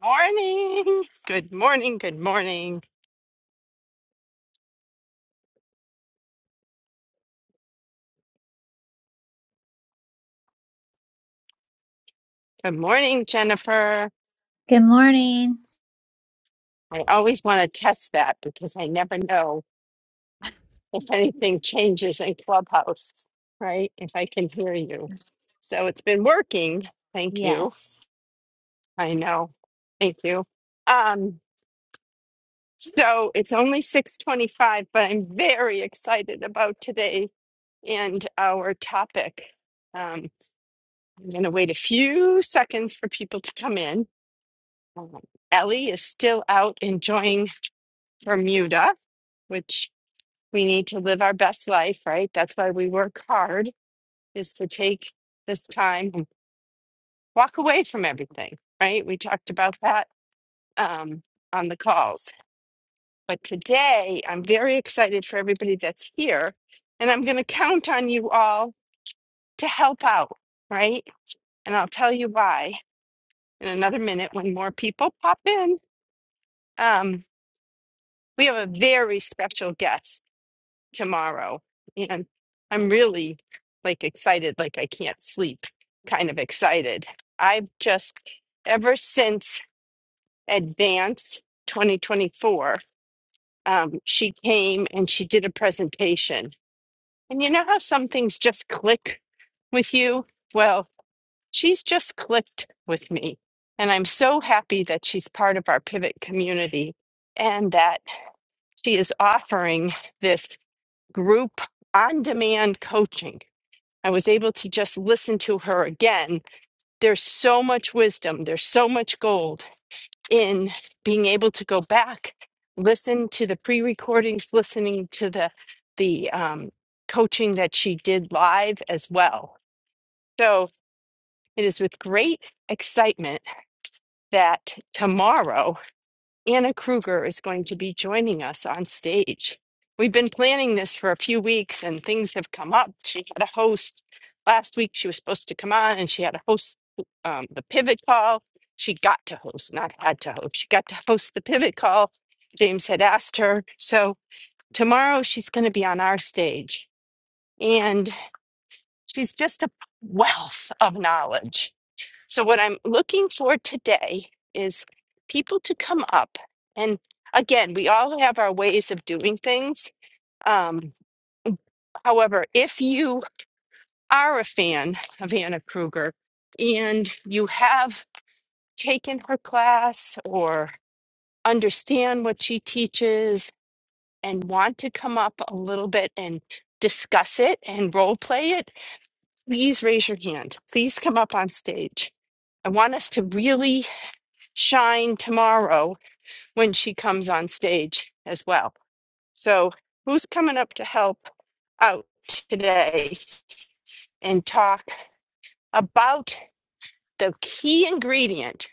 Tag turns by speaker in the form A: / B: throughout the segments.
A: Morning. Good morning. Good morning. Good morning, Jennifer.
B: Good morning.
A: I always want to test that because I never know if anything changes in Clubhouse, right? If I can hear you. So it's been working. Thank you.
B: Yes,
A: I know. Thank you. Um, so it's only 625, but I'm very excited about today and our topic. Um, I'm going to wait a few seconds for people to come in. Um, Ellie is still out enjoying Bermuda, which we need to live our best life, right? That's why we work hard, is to take this time and walk away from everything, right? We talked about that um, on the calls. But today, I'm very excited for everybody that's here, and I'm going to count on you all to help out, right? And I'll tell you why in another minute when more people pop in. Um, we have a very special guest. tomorrow. And I'm really like excited, like I can't sleep, kind of excited. I've just, ever since Advance 2024, um, she came and she did a presentation. And you know how some things just click with you? Well, she's just clicked with me. And I'm so happy that she's part of our pivot community and that she is offering this group on demand coaching. I was able to just listen to her again. There's so much wisdom, there's so much gold in being able to go back, listen to the pre recordings, listening to the, the um, coaching that she did live as well. So it is with great excitement that tomorrow. Anna Kruger is going to be joining us on stage. We've been planning this for a few weeks and things have come up. She had a host last week. She was supposed to come on and she had a host um, the pivot call. She got to host, not had to host. She got to host the pivot call. James had asked her. So tomorrow she's going to be on our stage and she's just a wealth of knowledge so, what I'm looking for today is people to come up. And again, we all have our ways of doing things. Um, however, if you are a fan of Anna Kruger and you have taken her class or understand what she teaches and want to come up a little bit and discuss it and role play it, please raise your hand. Please come up on stage. I want us to really shine tomorrow when she comes on stage as well. So, who's coming up to help out today and talk about the key ingredient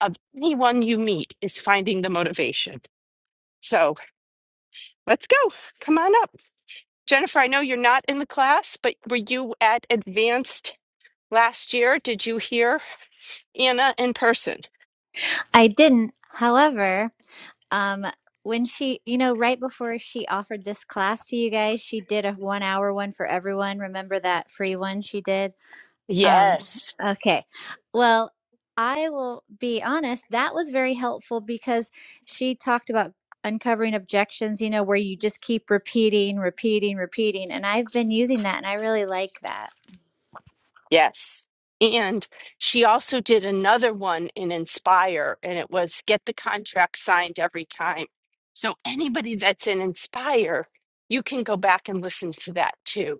A: of anyone you meet is finding the motivation? So, let's go. Come on up. Jennifer, I know you're not in the class, but were you at advanced last year? Did you hear Anna in person?
B: I didn't. However, um, when she, you know, right before she offered this class to you guys, she did a one hour one for everyone. Remember that free one she did? Um,
A: Yes.
B: okay. Well, I will be honest, that was very helpful because she talked about uncovering objections, you know, where you just keep repeating, repeating, repeating. And I've been using that and I really like that.
A: Yes. And she also did another one in Inspire, and it was get the contract signed every time. So anybody that's in Inspire, you can go back and listen to that too.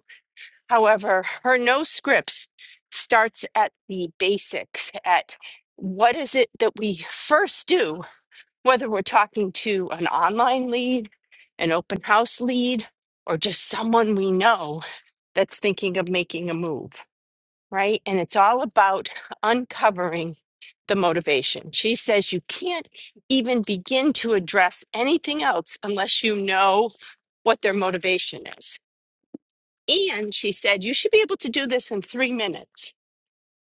A: However, her no scripts starts at the basics, at what is it that we first do, whether we're talking to an online lead, an open house lead, or just someone we know that's thinking of making a move right? And it's all about uncovering the motivation. She says you can't even begin to address anything else unless you know what their motivation is. And she said you should be able to do this in three minutes.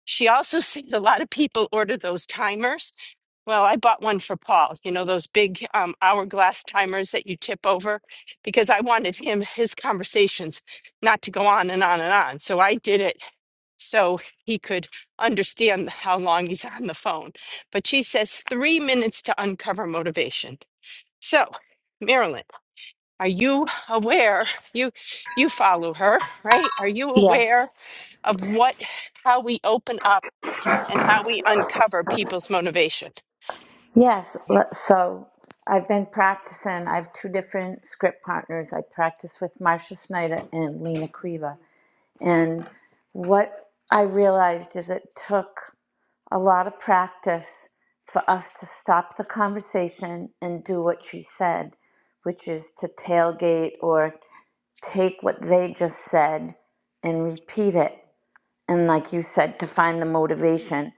A: She also said a lot of people order those timers. Well, I bought one for Paul, you know, those big um, hourglass timers that you tip over because I wanted him, his conversations not to go on and on and on. So I did it so he could understand how long he's on the phone. But she says three minutes to uncover motivation. So, Marilyn, are you aware? You you follow her, right? Are you aware
C: Yes,
A: of what how we open up and how we uncover people's motivation?
C: yes. le- So I've been practicing. I have two different script partners. I practice with Marcia Snyder and Lena Kriva. And what I realized is it took a lot of practice for us to stop the conversation and do what she said, which is to tailgate or take what they just said and repeat it. And like you said, to find the motivation.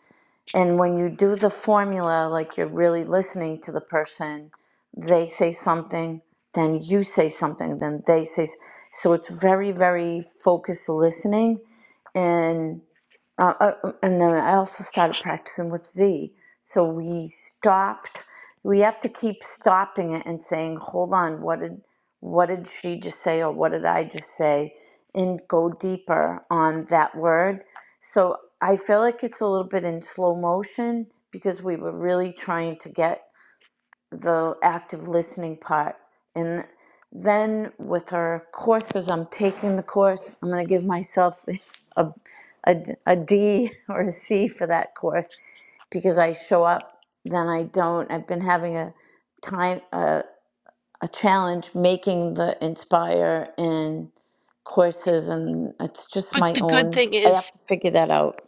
C: And when you do the formula, like you're really listening to the person, they say something, then you say something, then they say. s- So it's very, very focused listening. And uh, uh, and then I also started practicing with Z. So we stopped. We have to keep stopping it and saying, "Hold on, what did what did she just say, or what did I just say?" And go deeper on that word. So I feel like it's a little bit in slow motion because we were really trying to get the active listening part. And then with our courses, I'm taking the course. I'm going to give myself a, a, a D or a C for that course because I show up, then I don't. I've been having a time, a, a challenge making the Inspire and courses, and it's just
A: But
C: my
A: the good
C: own.
A: thing
C: I
A: is
C: have to figure that out.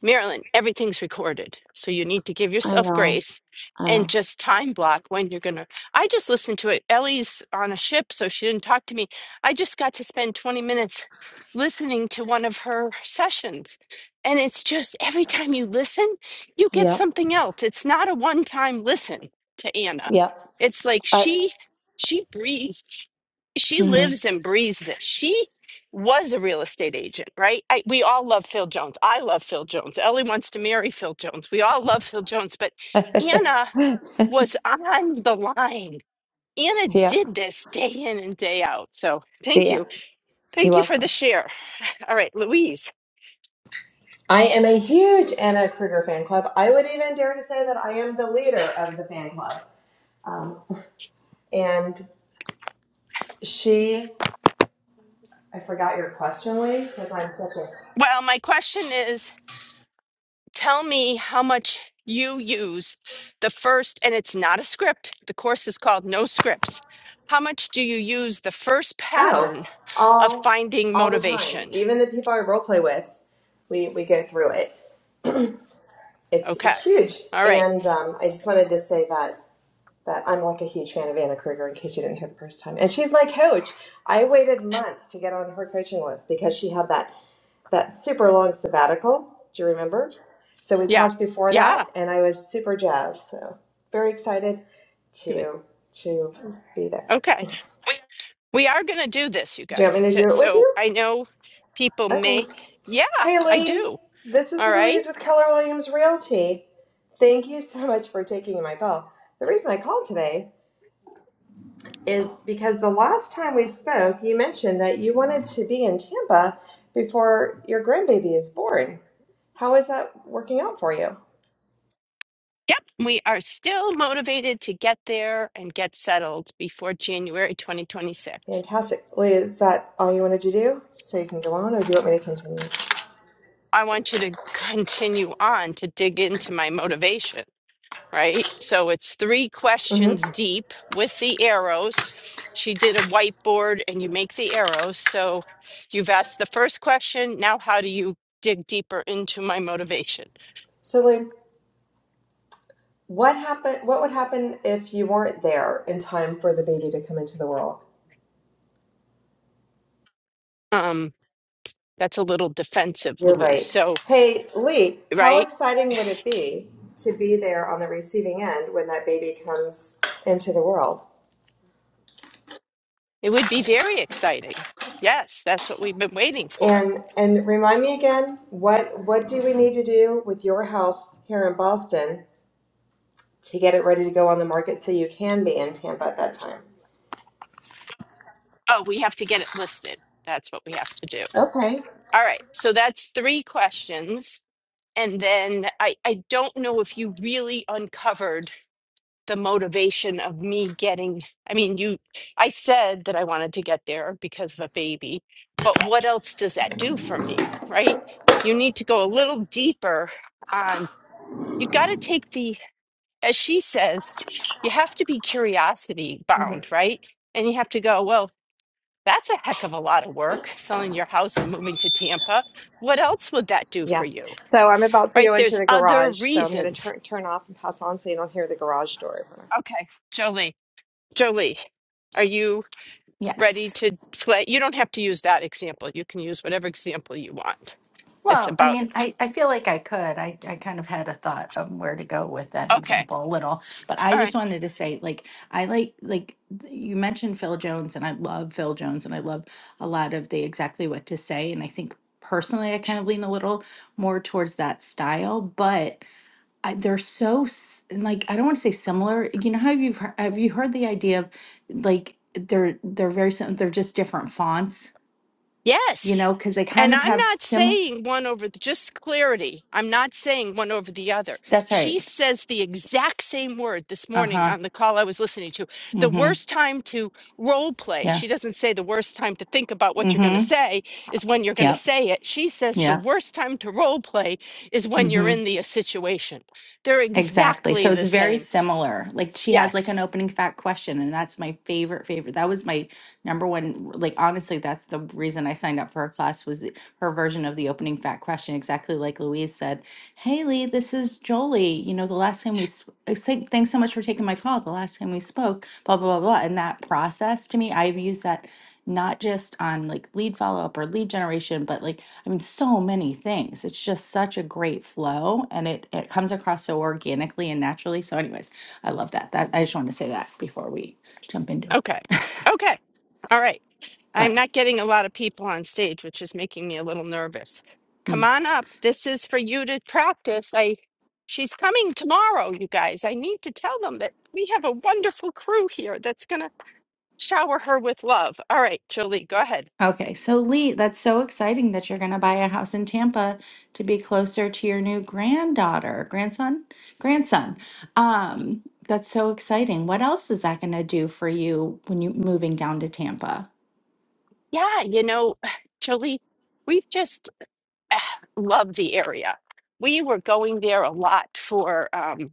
A: Marilyn, everything's recorded. So you need to give
C: I
A: yourself
C: know.
A: grace
C: I
A: and
C: know.
A: just time block when you're going to. I just listened to it. Ellie's on a ship, so she didn't talk to me. I just got to spend 20 minutes listening to one of her sessions. And it's just every time you listen, you get
C: Yep.
A: something else. It's not a one time listen to Anna.
C: Yep.
A: It's like
C: I,
A: she she breathes she lives and breathes this. She was a real estate agent, right? I, we all love Phil Jones. I love Phil Jones. Ellie wants to marry Phil Jones. We all love Phil Jones, but Anna
C: mm-hmm.
A: was on the line. Anna
C: yeah.
A: did this day in and day out. So thank
C: Yeah,
A: you.
C: you're
A: Thank you for
C: welcome.
A: the share. All right, Louise.
D: I am a huge Anna Kruger fan club. I would even dare to say that I am the leader of the fan club. Um, and she, I forgot your question, Lee, because I'm such a
A: Well, my question is tell me how much you use the first, and it's not a script. The course is called No Scripts. How much do you use the first
D: oh,
A: pattern of
D: all
A: finding
D: all the time.
A: motivation.
D: Even the people I role play with, we we go through it. It's
A: Okay.
D: it's huge.
A: All right.
D: And um, I just wanted to say that that I'm like a huge fan of Anna Kruger. In case you didn't hear the first time, and she's my coach. I waited months to get on her coaching list because she had that that super long sabbatical. Do you remember? So we
A: Yeah.
D: talked before that,
A: Yeah.
D: and I was super jazzed. So very excited
A: Good.
D: to to be there.
A: Okay. We are going to do this, you
D: Do you
A: guys.
D: want me to
A: So,
D: do it with
A: so
D: you?
A: I know people
D: Okay.
A: may. Yeah,
D: Hey
A: I
D: Lee,
A: do.
D: this is
A: All right.
D: Louise with Keller Williams Realty. Thank you so much for taking my call. The reason I called today is because the last time we spoke, you mentioned that you wanted to be in Tampa before your grandbaby is born. How is that working out for you?
A: Yep. We are still motivated to get there and get settled before January 2026.
D: Fantastic. Lee, is that all you wanted to do? So you can go on, or do you want me to continue?
A: I want you to continue on to dig into my motivation right? So it's three
D: Mm-hmm.
A: questions deep with the arrows. She did a whiteboard and you make the arrows. So you've asked the first question. Now, how do you dig deeper into my motivation?
D: So, Lee, what happened? What would happen if you weren't there in time for the baby to come into the world?
A: Um, that's a little defensive,
D: You're
A: Louise.
D: right.
A: So,
D: Hey, Lee, how
A: right?
D: exciting would it be to be there on the receiving end when that baby comes into the world?
A: It would be very exciting. Yes, that's what we've been waiting for.
D: And and remind me again, what what do we need to do with your house here in Boston to get it ready to go on the market so you can be in Tampa at that time?
A: Oh, we have to get it listed. That's what we have to do.
D: Okay.
A: All right. So that's three questions And then I, I don't know if you really uncovered the motivation of me getting. I mean, you, I said that I wanted to get there because of a baby, but what else does that do for me, right? You need to go a little deeper on, you got to take the, as she says, you have to be curiosity bound, right? And you have to go, well, that's a heck of a lot of work selling your house and moving to Tampa. What else would that do for
D: Yes.
A: you?
D: So I'm about to
A: right?
D: go into
A: There's
D: the
A: other
D: garage, so I'm going to
A: reasons
D: turn turn off and pass on so you don't hear the garage door.
A: Okay, Jolie. Jolie, are you ready
E: Yes.
A: to play? You don't have to use that example. You can use whatever example you want. It's
E: Well, I
A: about,
E: mean, I, I feel like I could. I, I kind of had a thought of where to go with that
A: okay,
E: example a little, but I
A: all right.
E: just wanted to say, like, I like, like, th- you mentioned Phil Jones, and I love Phil Jones, and I love a lot of the exactly what to say. And I think personally, I kind of lean a little more towards that style, but I, they're so, s- and, like, I don't want to say similar. You know how you've, heard, have you heard the idea of like, they're, they're very, sim- they're just different fonts, you
A: Yes.
E: know, because they kind
A: And
E: of
A: I'm
E: have
A: not
E: similar.
A: saying one over the, just clarity. I'm not saying one over the other.
E: That's
A: She
E: right.
A: says the exact same word this
E: Uh
A: morning
E: huh.
A: on the call I was listening to. The
E: Mm hmm.
A: worst time to role play,
E: Yeah.
A: she doesn't say the worst time to think about what
E: Mm
A: you're going to
E: hmm.
A: say is when you're going to
E: Yep.
A: say it. She says the
E: Yep.
A: worst time to role play is when
E: Mm
A: you're
E: hmm.
A: in the uh, situation. They're
E: Exactly.
A: exactly
E: So it's
A: the
E: very
A: same.
E: similar. Like she has like an
A: Yes.
E: opening fact question, and that's my favorite, favorite. That was my number one. Like honestly, that's the reason I signed up for her class was the, her version of the opening fact question. Exactly like Louise said, "Hey Lee, this is Jolie. You know, the last time we sp- I say, thanks so much for taking my call. The last time we spoke, blah blah blah blah." And that process to me, I've used that not just on like lead follow up or lead generation, but like, I mean, so many things. It's just such a great flow and it, it comes across so organically and naturally. So, anyways, I love that. That I just want to say that before we jump into it.
A: Okay. Okay. All right. I'm
E: But
A: not getting a lot of people on stage, which is making me a little nervous. Come
E: mm.
A: on up. This is for you to practice. I she's coming tomorrow, you guys. I need to tell them that we have a wonderful crew here that's going to shower her with love. All right, Jolie, go ahead.
E: okay, so Lee, that's so exciting that you're going to buy a house in Tampa to be closer to your new granddaughter, grandson, grandson. Um, that's so exciting. What else is that going to do for you when you moving down to Tampa?
A: Yeah, you know, Jolie, we've just loved the area. We were going there a lot for. um,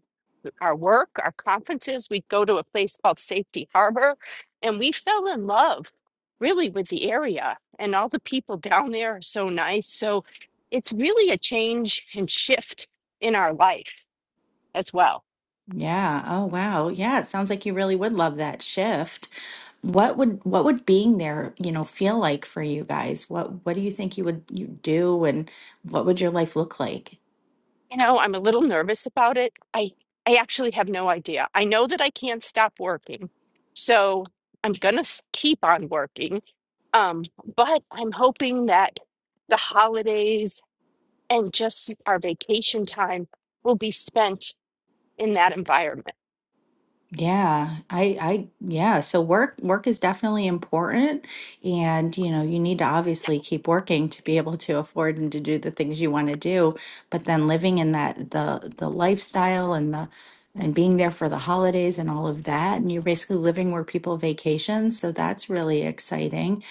A: our work, our conferences. We'd go to a place called Safety Harbor, and we fell in love really with the area. And all the people down there are so nice. So it's really a change and shift in our life as well.
E: Yeah. Oh, wow. Yeah, it sounds like you really would love that shift. What would what would being there, you know, feel like for you guys? What what do you think you would you do and what would your life look like?
A: You know, I'm a little nervous about it. I I actually have no idea. I know that I can't stop working. So I'm going to keep on working. Um, but I'm hoping that the holidays and just our vacation time will be spent in that environment.
E: Yeah, I, I, yeah. So work, work is definitely important, and you know, you need to obviously keep working to be able to afford and to do the things you want to do. But then living in that the the lifestyle and the and being there for the holidays and all of that, and you're basically living where people vacation. So that's really exciting.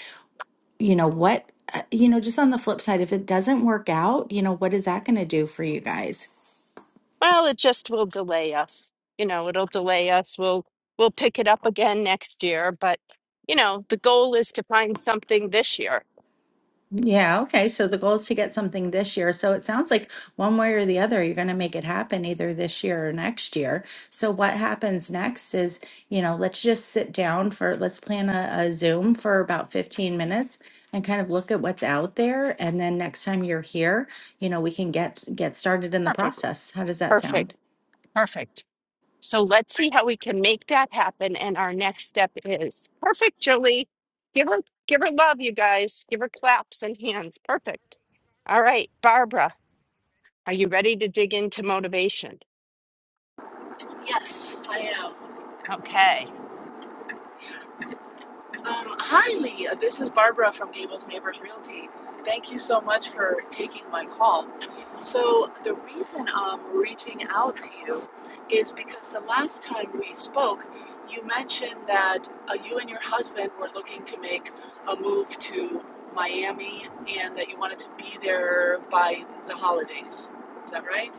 E: You know what? uh, You know, just on the flip side, if it doesn't work out, you know, what is that going to do for you guys?
A: Well, it just will delay us. You know, it'll delay us. We'll we'll pick it up again next year, but you know, the goal is to find something this year.
E: Yeah, okay. So the goal is to get something this year. So it sounds like one way or the other, you're going to make it happen either this year or next year. So what happens next is, you know, let's just sit down for, let's plan a, a Zoom for about 15 minutes and kind of look at what's out there. And then next time you're here, you know, we can get get started in the
A: Perfect.
E: process. How does that sound?
A: Perfect. Perfect. So let's see how we can make that happen and our next step is. Perfect, Jolie. Give her give her love, you guys. Give her claps and hands. Perfect. All right, Barbara, are you ready to dig into motivation?
F: Yes, I am.
A: Okay.
F: Um, hi, Lee. This is Barbara from Gables Neighbors Realty. Thank you so much for taking my call. So, the reason I'm reaching out to you is because the last time we spoke, you mentioned that uh, you and your husband were looking to make a move to Miami and that you wanted to be there by the holidays. Is that right?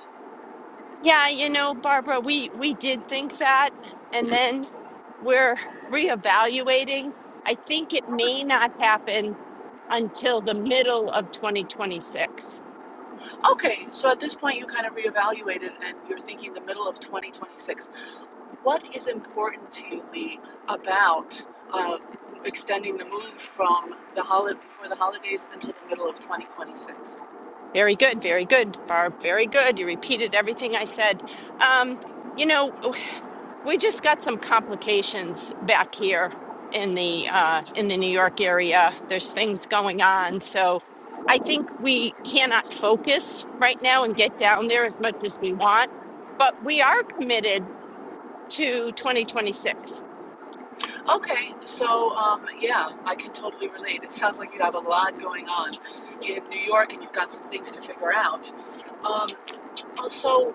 A: Yeah, you know, Barbara, we we did think that, and then we're reevaluating. I think it may not happen until the middle of 2026.
F: Okay, so at this point, you kind of reevaluated and you're thinking the middle of 2026. What is important to you, Lee, about uh, extending the move from the holiday before the holidays until the middle of 2026?
A: Very good, very good, Barb. Very good. You repeated everything I said. Um, you know, we just got some complications back here in the uh in the New York area. There's things going on, so I think we cannot focus right now and get down there as much as we want, but we are committed to 2026.
F: Okay, so um, yeah, I can totally relate. It sounds like you have a lot going on in New York and you've got some things to figure out. Um, So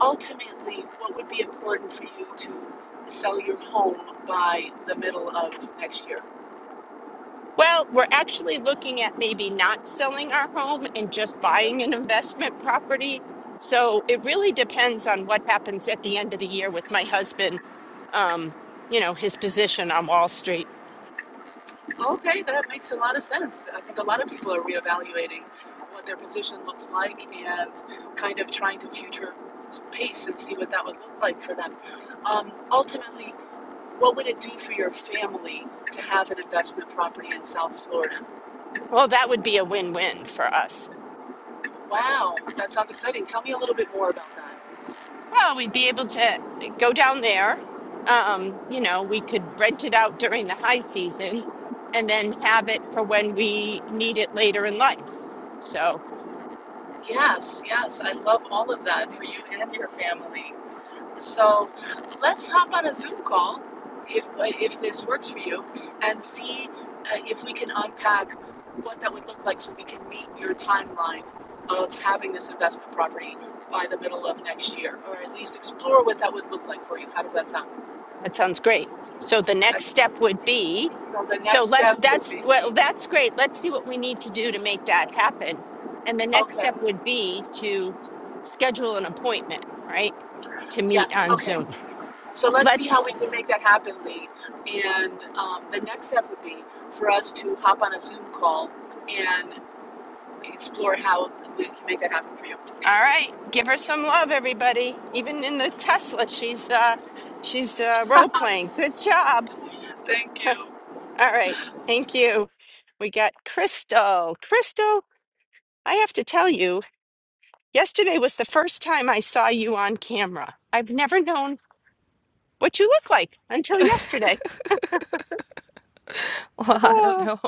F: ultimately, what would be important for you to sell your home by the middle of next year?
A: Well, we're actually looking at maybe not selling our home and just
F: Okay,
A: buying an investment property. So it really depends on what happens at the end of the year with my husband, um, you know, his position on Wall Street.
F: Okay, that makes a lot of sense. I think a lot of people are reevaluating what their position looks like and kind of trying to future pace and see what that would look like for them. Um, ultimately, what would it do for your family to have an investment property in South Florida?
A: Well, that would be a win-win for us.
F: Wow, that sounds exciting. Tell me a little bit more about that.
A: Well, we'd be able to go down there. Um, you know, we could rent it out during the high season and then have it for when we need it later in life. So
F: Yes, yes, I love all of that for you and your family. So let's hop on a Zoom call if, if this works for you and see uh, if we can unpack what that would look like so we can meet your timeline of having this investment property by the middle of next year, or at least explore what that would look like for you. How does that sound?
A: that sounds great. So the next
F: Excellent.
A: step would be,
F: So the
A: so
F: next
A: let's,
F: step would
A: that's,
F: be
A: well, that's great. Let's see what we need to do to make that happen. And the next
F: okay.
A: step would be to schedule an appointment, right? To meet
F: Yes.
A: on
F: Okay.
A: Zoom.
F: So let's see
A: Let's
F: how we can make that happen, Lee. And um, the next step would be for us to hop on a Zoom call and explore how we can make that happen for you.
A: All right, give her some love, everybody. Even in the Tesla, she's uh, she's uh, role playing. Good job.
F: Thank you.
A: All right, thank you. We got Crystal. Crystal, I have to tell you, yesterday was the first time I saw you on camera. I've never known what you look like until yesterday.
G: Well, I don't
A: Oh,
G: know.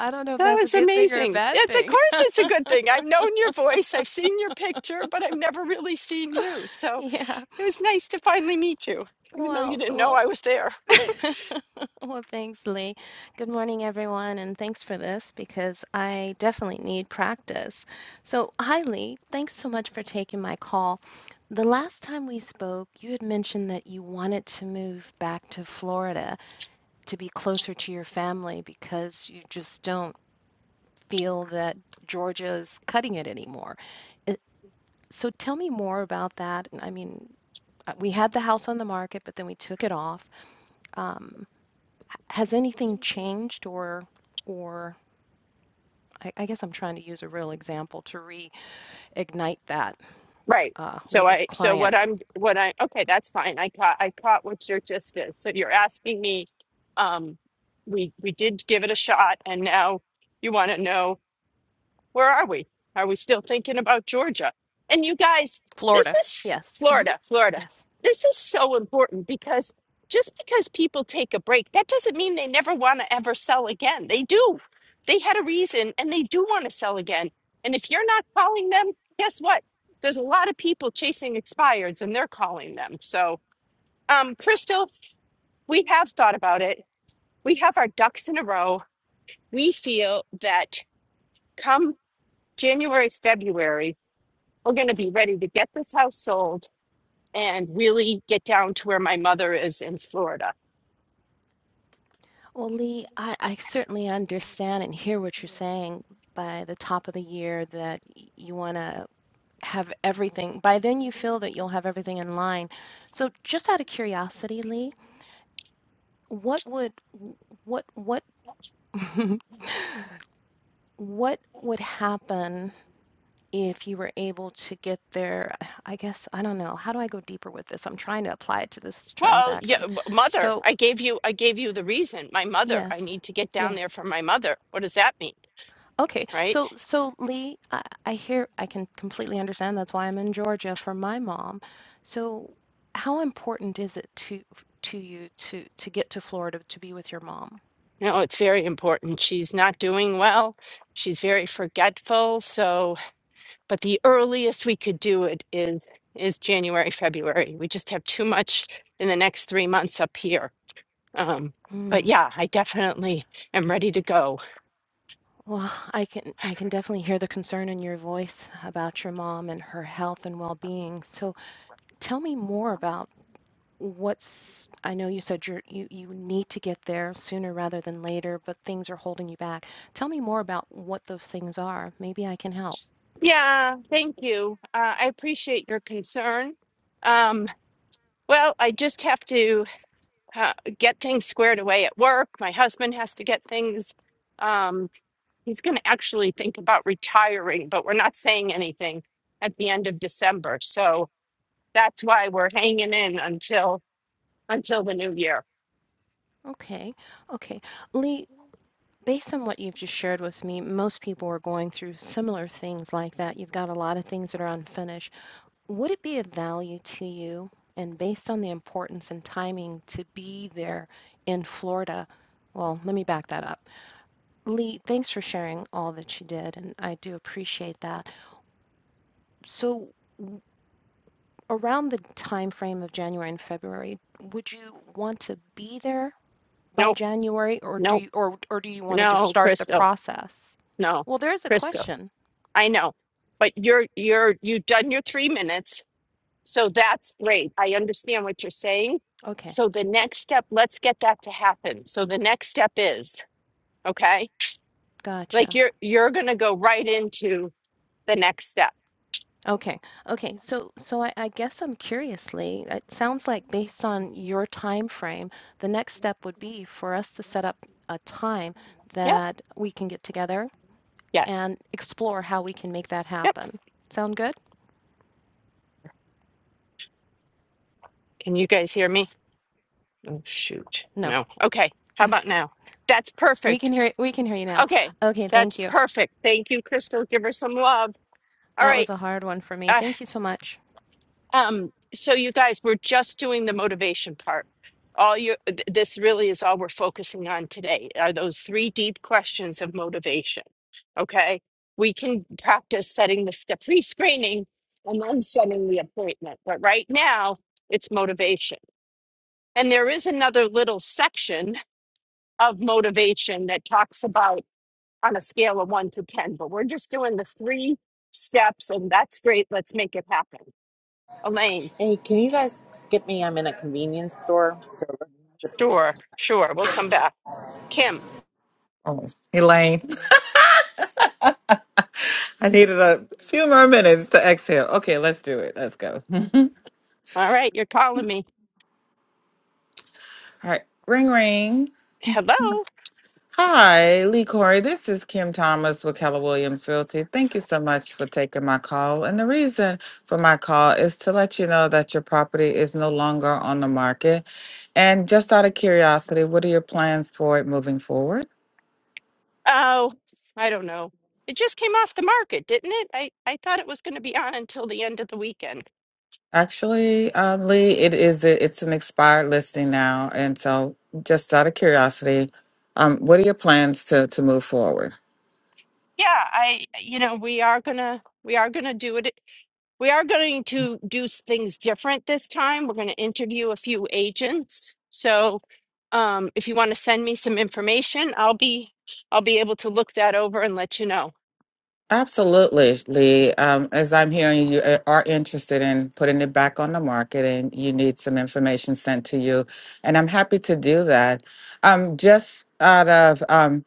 G: I don't know if
A: that
G: that's a
A: was
G: good thing or a
A: amazing.
G: bad
A: It's of
G: thing.
A: course it's a good thing. I've known your voice, I've seen your picture, but I've never really seen you. So
G: Yeah.
A: it was nice to finally meet you, even though you
G: Well,
A: didn't know
G: well,
A: I was there.
G: well, thanks, Lee. Good morning, everyone, and thanks for this because I definitely need practice. So, hi, Lee. Thanks so much for taking my call. The last time we spoke, you had mentioned that you wanted to move back to Florida to be closer to your family because you just don't feel that Georgia is cutting it anymore. I- So tell me more about that. I mean, uh, we had the house on the market, but then we took it off. Um, has anything changed or or I, I guess I'm trying to use a real example to reignite that
A: Right.
G: uh,
A: So
G: with a
A: I so what
G: client.
A: I'm what I okay, that's fine. I caught I caught what your gist is. So you're asking me, um, we we did give it a shot and now you want to know where are we? Are we still thinking about Georgia? And you guys, this
G: Florida.
A: is
G: Yes. hmm
A: Florida, Florida.
G: Yes.
A: This is so important because just because people take a break, that doesn't mean they never want to ever sell again. They do. They had a reason and they do want to sell again. And if you're not calling them, guess what? There's a lot of people chasing expireds and they're calling them. So, um, Crystal, we have thought about it. We have our ducks in a row. We feel that come January, February, we're going to be ready to get this house sold and really get down to where my mother is in Florida.
G: Well, Lee, I, I certainly understand and hear what you're saying by the top of the year that y- you want to have everything. By then, you feel that you'll have everything in line. So, just out of curiosity, Lee, what would what what what would happen if you were able to get there? I guess I don't know. How do I go deeper with this? I'm trying to apply it to this
A: Well, yeah,
G: transaction.
A: w- mother,
G: So,
A: I gave you I gave you the reason. My mother, I
G: yes,
A: need to get down there
G: yes.
A: for my mother. What does that mean?
G: Okay,
A: Right?
G: so so Lee, I, I hear I can completely understand. That's why I'm in Georgia for my mom. So, how important is it to to you to to get to Florida to be with your mom?
A: No, it's very important. She's not doing well. She's very forgetful. So, but the earliest we could do it is is January, February. We just have too much in the next 3 months up here. Um,
G: Hmm.
A: but yeah, I definitely am ready to go.
G: Well, I can I can definitely hear the concern in your voice about your mom and her health and well-being. So, tell me more about what's I know you said you're, you you need to get there sooner rather than later, but things are holding you back. Tell me more about what those things are. Maybe I can help.
A: Yeah, thank you. Uh, I appreciate your concern. Um, well, I just have to uh, get things squared away at work. My husband has to get things. Um, he's going to actually think about retiring, but we're not saying anything at the end of December. So that's why we're hanging in until until the new year.
G: Okay. Okay. Lee, based on what you've just shared with me, most people are going through similar things like that. You've got a lot of things that are unfinished. Would it be of value to you, and based on the importance and timing, to be there in Florida? Well, let me back that up. Lee, thanks for sharing all that you did, and I do appreciate that. So, w- around the time frame of January and February, would you want to be there? by
A: Nope,
G: January, or do
A: nope,
G: you, or or do you want to just
A: no,
G: start the
A: Crystal,
G: process?
A: no,
G: Well, there's a
A: Crystal.
G: question.
A: I know, but you're you're you've done your three minutes. So that's great. I understand what you're saying.
G: Okay,
A: So the next step, let's get that to happen. So the next step is, okay? Like
G: gotcha.
A: you're you're going to go right into the next step.
G: Okay, okay. So, so I, I guess I'm curiously, it sounds like based on your time frame, the next step would be for us to set up a time
A: Yeah.
G: that we can get together
A: Yes.
G: and explore how we can make that
A: Yep.
G: happen. Sound good?
A: Can you guys hear me? Oh shoot.
G: No,
A: No. Okay. How about now? That's
G: we can
A: perfect.
G: hear we can hear you now.
A: Okay.
G: Okay, thank
A: That's
G: you.
A: perfect. Thank you, Crystal. Give her some love. All
G: That
A: right.
G: was a hard one for me.
A: Uh,
G: Thank you so much.
A: Um, so you guys, we're just doing the motivation part. All you, th- this really is all we're focusing on today are those three deep questions of motivation. Okay. We can practice setting the step pre screening and then setting the appointment. But right now, it's motivation. And there is another little section of motivation that talks about on a scale of one to 10, but we're just doing the three steps, and that's great. Let's make it happen. Elaine.
H: Hey, can you guys skip me? I'm in a convenience store. So let's skip me.
A: Sure, sure. We'll come back. Kim,
I: Oh, Elaine, I needed a few more minutes to exhale. Okay, let's do it. Let's go. All
A: all right, you're calling me.
I: right, ring ring.
A: Hello?
I: Hi, Lee Corey. This is Kim Thomas with Keller Williams Realty. Thank you so much for taking my call. And the reason for my call is to let you know that your property is no longer on the market. And just out of curiosity, what are your plans for it moving forward?
A: Oh, I don't know. It just came off the market, didn't it? I, I thought it was going to be on until the end of the weekend.
I: Actually, um, Lee, it is it's an expired listing now, and so just out of curiosity, um, what are your plans to to move forward?
A: Yeah, I, you know, we are gonna, we are gonna do it. We are going to do s- things different this time. We're going to interview a few agents. So, um, if you want to send me some information, I'll be, I'll be able to look that over and let you know.
I: Absolutely, Lee. Um, as I'm hearing, you uh, are interested in putting it back on the market, and you need some information sent to you, and I'm happy to do that. Um, just out of um,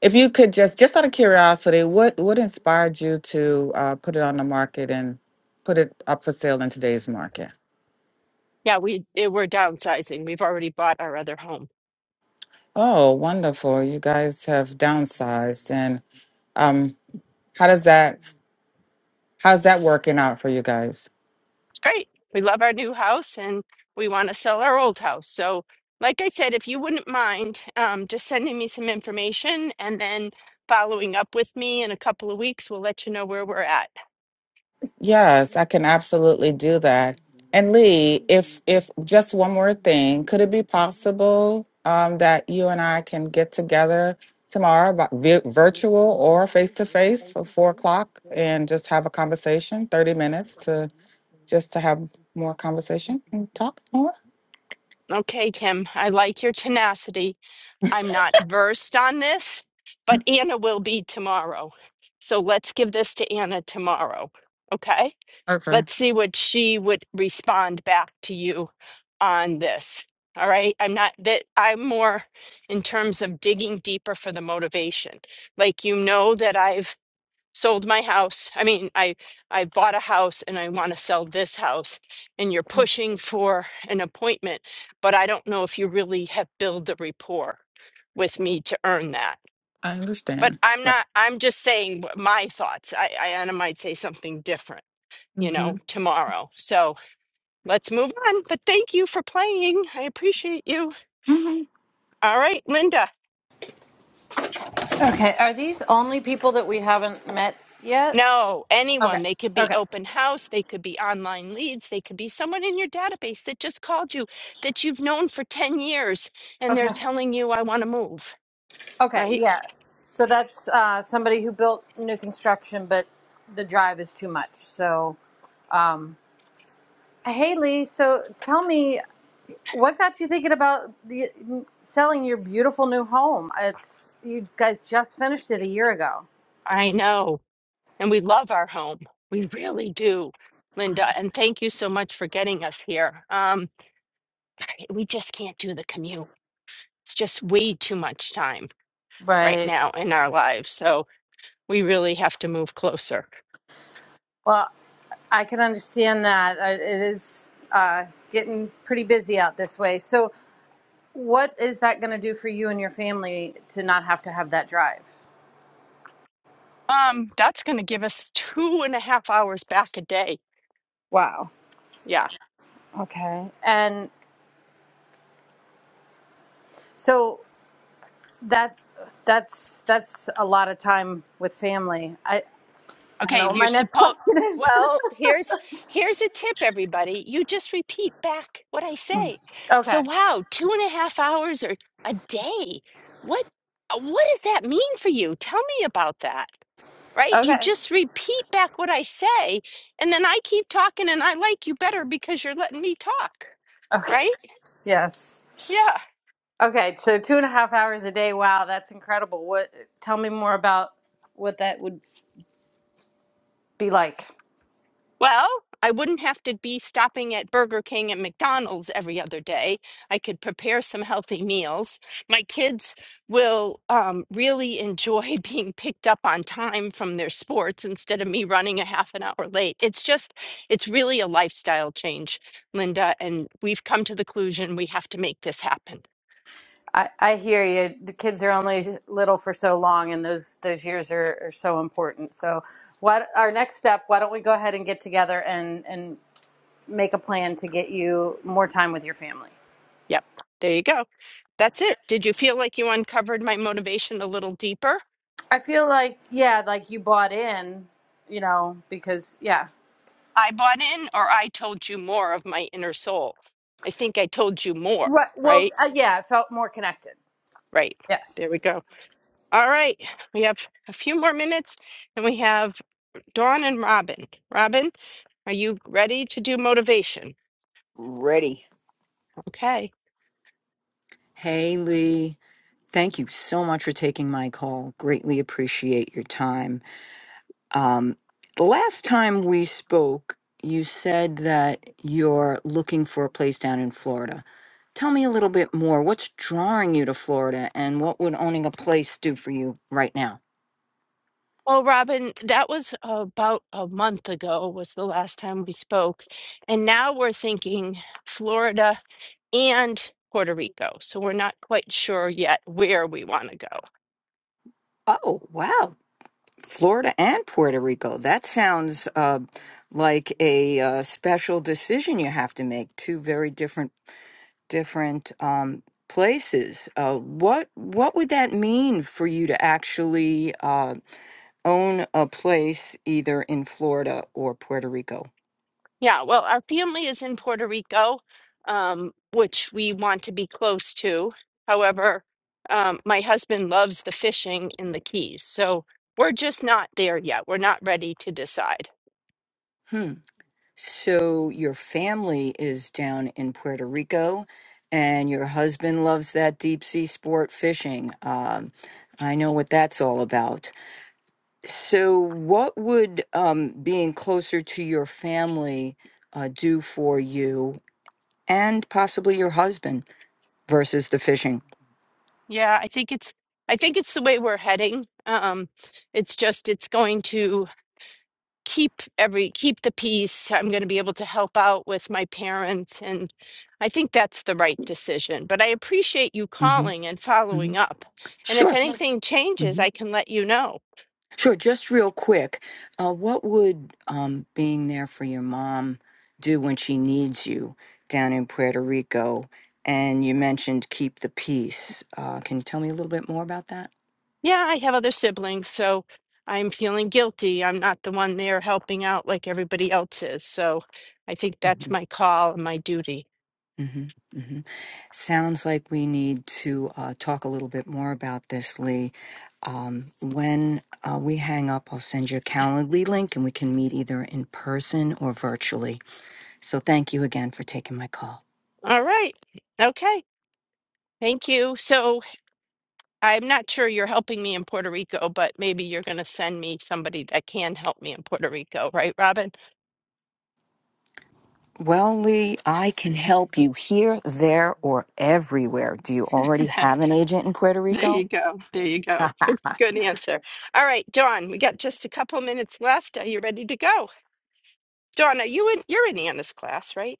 I: if you could just just out of curiosity, what what inspired you to uh, put it on the market and put it up for sale in today's market?
A: Yeah, we, eh, we're downsizing. We've already bought our other home.
I: Oh, wonderful. You guys have downsized. And um, how does that how's that working out for you guys?
A: Great. We love our new house and we want to sell our old house. So, like I said, if you wouldn't mind um, just sending me some information and then following up with me in a couple of weeks, we'll let you know where we're at.
I: Yes, I can absolutely do that. And Lee, if if just one more thing, could it be possible um, that you and I can get together tomorrow, vi- vi- virtual or face to face, for four o'clock, and just have a conversation, thirty minutes to just to have more conversation and talk more?
A: Okay, Kim, I like your tenacity. I'm not versed on this, but Anna will be tomorrow. So, let's give this to Anna tomorrow. Okay?
I: Okay,
A: let's see what she would respond back to you on this. All right. I'm not that I'm more in terms of digging deeper for the motivation. Like, you know, that I've sold my house. I mean, I, I bought a house and I want to sell this house and you're pushing for an appointment, but I don't know if you really have built the rapport with me to earn that.
I: I
A: But
I: understand.
A: I'm
I: Right.
A: not, I'm just saying what my thoughts. I, I Anna might say something different you know,
I: Mm-hmm.
A: tomorrow. So let's move on. But thank you for playing. I appreciate you. All right, Linda.
J: Okay, are these only people that we haven't met yet?
A: No,
J: Okay,
A: anyone. They could be
J: okay,
A: open house. They could be online leads. They could be someone in your database that just called you that you've known for 10 years and they're
J: okay,
A: telling you, I want to move,
J: okay,
A: right?
J: yeah. So that's uh, somebody who built new construction, but the drive is too much. So, um, Haley, so tell me, what got you thinking about the, selling your beautiful new home? It's you guys just finished it a year ago,
A: I know. And we love our home. We really do, Linda. And thank you so much for getting us here. Um, we just can't do the commute. It's just way too much time right
J: right?
A: now in our lives. So we really have to move closer.
J: Well, I can understand that. Uh, It is uh, getting pretty busy out this way. So, What is that going to do for you and your family to not have to have that drive?
A: Um, that's going to give us two and a half hours back a day.
J: Wow.
A: Yeah.
J: Okay. And so that that's that's a lot of time with family. I I don't know
A: Okay.
J: what
A: We're
J: my next
A: supposed.
J: question is.
A: Well, here's here's a tip, everybody. You just repeat back what I
J: Mm.
A: say. So,
J: okay.
A: wow, two and a half hours or a day. What what does that mean for you? Tell me about that. Right? You
J: Okay.
A: just repeat back what I say, and then I keep talking, and I like you better because you're letting me talk.
J: Okay.
A: Right?
J: Yes.
A: Yeah.
J: Okay. So two and a half hours a day. Wow, that's incredible. What? Tell me more about what that would be like.
A: Well, I wouldn't have to be stopping at Burger King and McDonald's every other day. I could prepare some healthy meals. My kids will um, really enjoy being picked up on time from their sports instead of me running a half an hour late. It's just, it's really a lifestyle change, Linda, and we've come to the conclusion we have to make this happen.
J: I, I hear you. The kids are only little for so long, and those those years are, are so important. So, what our next step? Why don't we go ahead and get together and and make a plan to get you more time with your family?
A: Yep, there you go. That's it. Did you feel like you uncovered my motivation a little deeper?
J: I feel like yeah, like you bought in, you know, because yeah,
A: I bought in, or I told you more of my inner soul? I think I told you more,
J: right. Well,
A: right?
J: uh, yeah, I felt more connected.
A: Right. There
J: Yes.
A: we go. All right. We have a few more minutes and we have Dawn and Robin. Robin, are you ready to do motivation?
K: Ready.
A: Okay.
K: Hey, Lee. Thank you so much for taking my call. Greatly appreciate your time. Um, the last time we spoke, you said that you're looking for a place down in Florida. Tell me a little bit more. What's drawing you to Florida, and what would owning a place do for you right now?
A: Well, Robin, that was about a month ago, was the last time we spoke. And now we're thinking Florida and Puerto Rico. So we're not quite sure yet where we want to go.
K: Oh, wow. Florida and Puerto Rico. That sounds uh, like a uh, special decision you have to make. Two very different different um, places. Uh, what what would that mean for you to actually uh, own a place either in Florida or Puerto Rico?
A: Yeah, well, our family is in Puerto Rico, um, which we want to be close to. However, um, my husband loves the fishing in the Keys. So we're just not there yet. We're not ready to decide.
K: Hmm. So your family is down in Puerto Rico, and your husband loves that deep sea sport fishing. Um, I know what that's all about. So, what would um, being closer to your family uh, do for you and possibly your husband? versus the fishing.
A: Yeah, I think it's. I think it's the way we're heading. Um, it's just it's going to keep every keep the peace i'm going to be able to help out with my parents and i think that's the right decision but i appreciate you
K: hmm
A: calling and
K: hmm
A: following up and if
K: Sure,
A: anything changes
K: hmm
A: i can let you know
K: sure. Just real quick, uh, what would um, being there for your mom do when she needs you down in Puerto Rico? And you mentioned keep the peace. Uh, can you tell me a little bit more about that?
A: yeah i have other siblings so i'm feeling guilty i'm not the one there helping out like everybody else is so i think that's
K: hmm
A: my call and my duty
K: hmm hmm Sounds like we need to uh, talk a little bit more about this, Lee. Um, when uh, we hang up, I'll send you a Calendly link and we can meet either in person or virtually. So thank you again for taking my call.
A: all right okay thank you so I'm not sure you're helping me in Puerto Rico, but maybe you're going to send me somebody that can help me in Puerto Rico, right, Robin?
K: Well, Lee, I can help you here, there, or everywhere. Do you already have an agent in Puerto
A: There you
K: Rico?
A: go. There you go. Good, good answer. All right, Dawn, we got just a couple minutes left. Are you ready to go? Dawn, are you in? You're in Anna's class, right?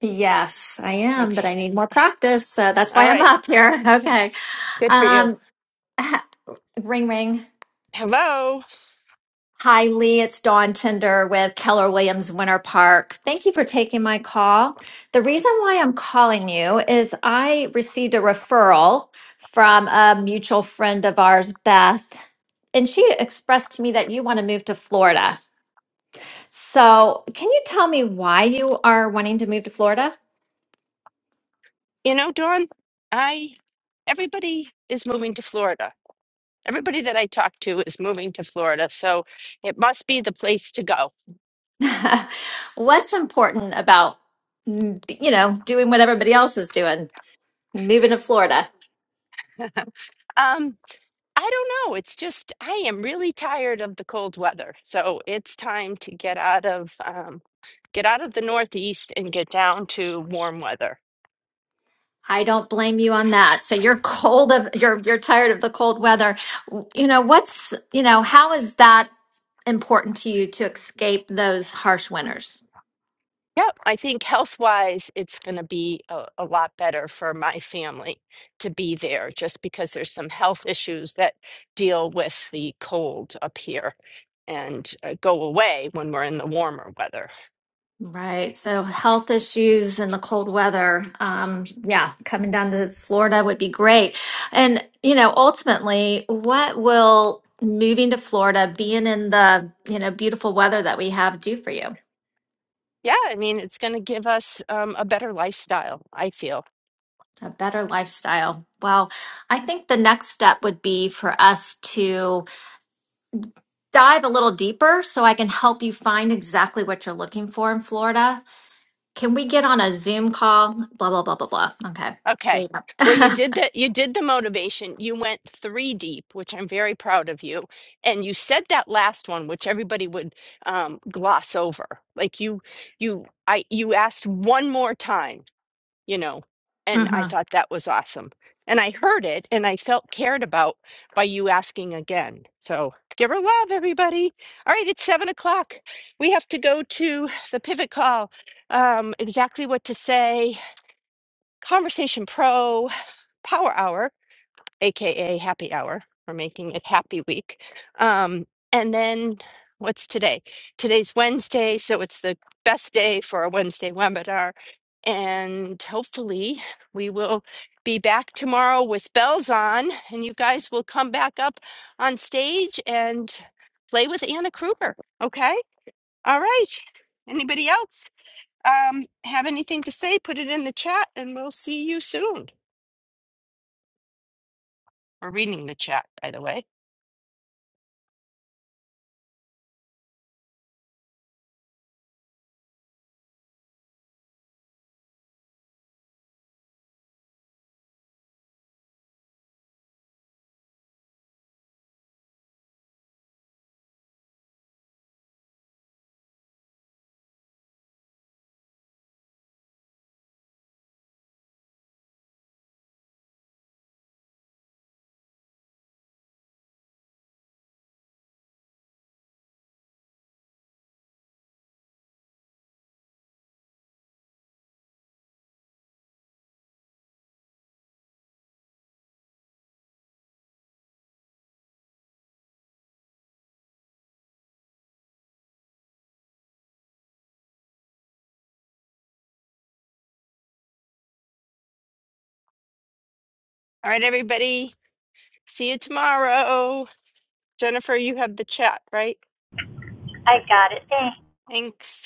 L: Yes, I am, but
A: Okay.
L: I need more practice. So that's why
A: All
L: I'm
A: right.
L: up here. Okay.
A: Good for you.
L: Um, ring, ring.
A: Hello.
L: Hi, Lee. It's Dawn Tinder with Keller Williams Winter Park. Thank you for taking my call. The reason why I'm calling you is I received a referral from a mutual friend of ours, Beth, and she expressed to me that you want to move to Florida. So, can you tell me why you are wanting to move to Florida?
A: You know, Dawn, I. Everybody is moving to Florida. Everybody that I talk to is moving to Florida, so it must be the place to go.
L: What's important about, mm, you know, doing what everybody else is doing, moving to Florida?
A: Um. I don't know. It's just, I am really tired of the cold weather. So it's time to get out of um, get out of the Northeast and get down to warm weather.
L: I don't blame you on that. So you're cold of you're you're tired of the cold weather. You know, what's, you know, how is that important to you to escape those harsh winters?
A: Yep, I think health-wise, it's going to be a, a lot better for my family to be there, just because there's some health issues that deal with the cold up here and uh, go away when we're in the warmer weather.
L: Right. So health issues and the cold weather. Um, yeah, coming down to Florida would be great. And, you know, ultimately, what will moving to Florida, being in the, you know, beautiful weather that we have do for you?
A: Yeah, I mean, it's going to give us um, a better lifestyle, I feel.
L: A better lifestyle. Well, I think the next step would be for us to dive a little deeper so I can help you find exactly what you're looking for in Florida. Can we get on a Zoom call? Blah, blah, blah, blah, blah. Okay. There
A: Okay.
L: you
A: Well,
L: go.
A: you did that. You did the motivation. You went three deep, which I'm very proud of you. And you said that last one, which everybody would um, gloss over. Like you, you, I, you asked one more time, you know, and
L: hmm
A: I thought that was awesome. And I heard it and I felt cared about by you asking again. So give her love, everybody. All right. It's seven o'clock. We have to go to the pivot call. Um, exactly what to say. Conversation Pro. Power Hour, aka Happy Hour. We're making it Happy Week. Um, and then what's today? Today's Wednesday, so it's the best day for a Wednesday webinar. And hopefully, we will be back tomorrow with bells on, and you guys will come back up on stage and play with Anna Kruger. Okay? All right. Anybody else um, have anything to say? Put it in the chat, and we'll see you soon. We're reading the chat, by the way. All right, everybody. See you tomorrow. Jennifer, you have the chat, right?
B: I got it.
A: Thanks.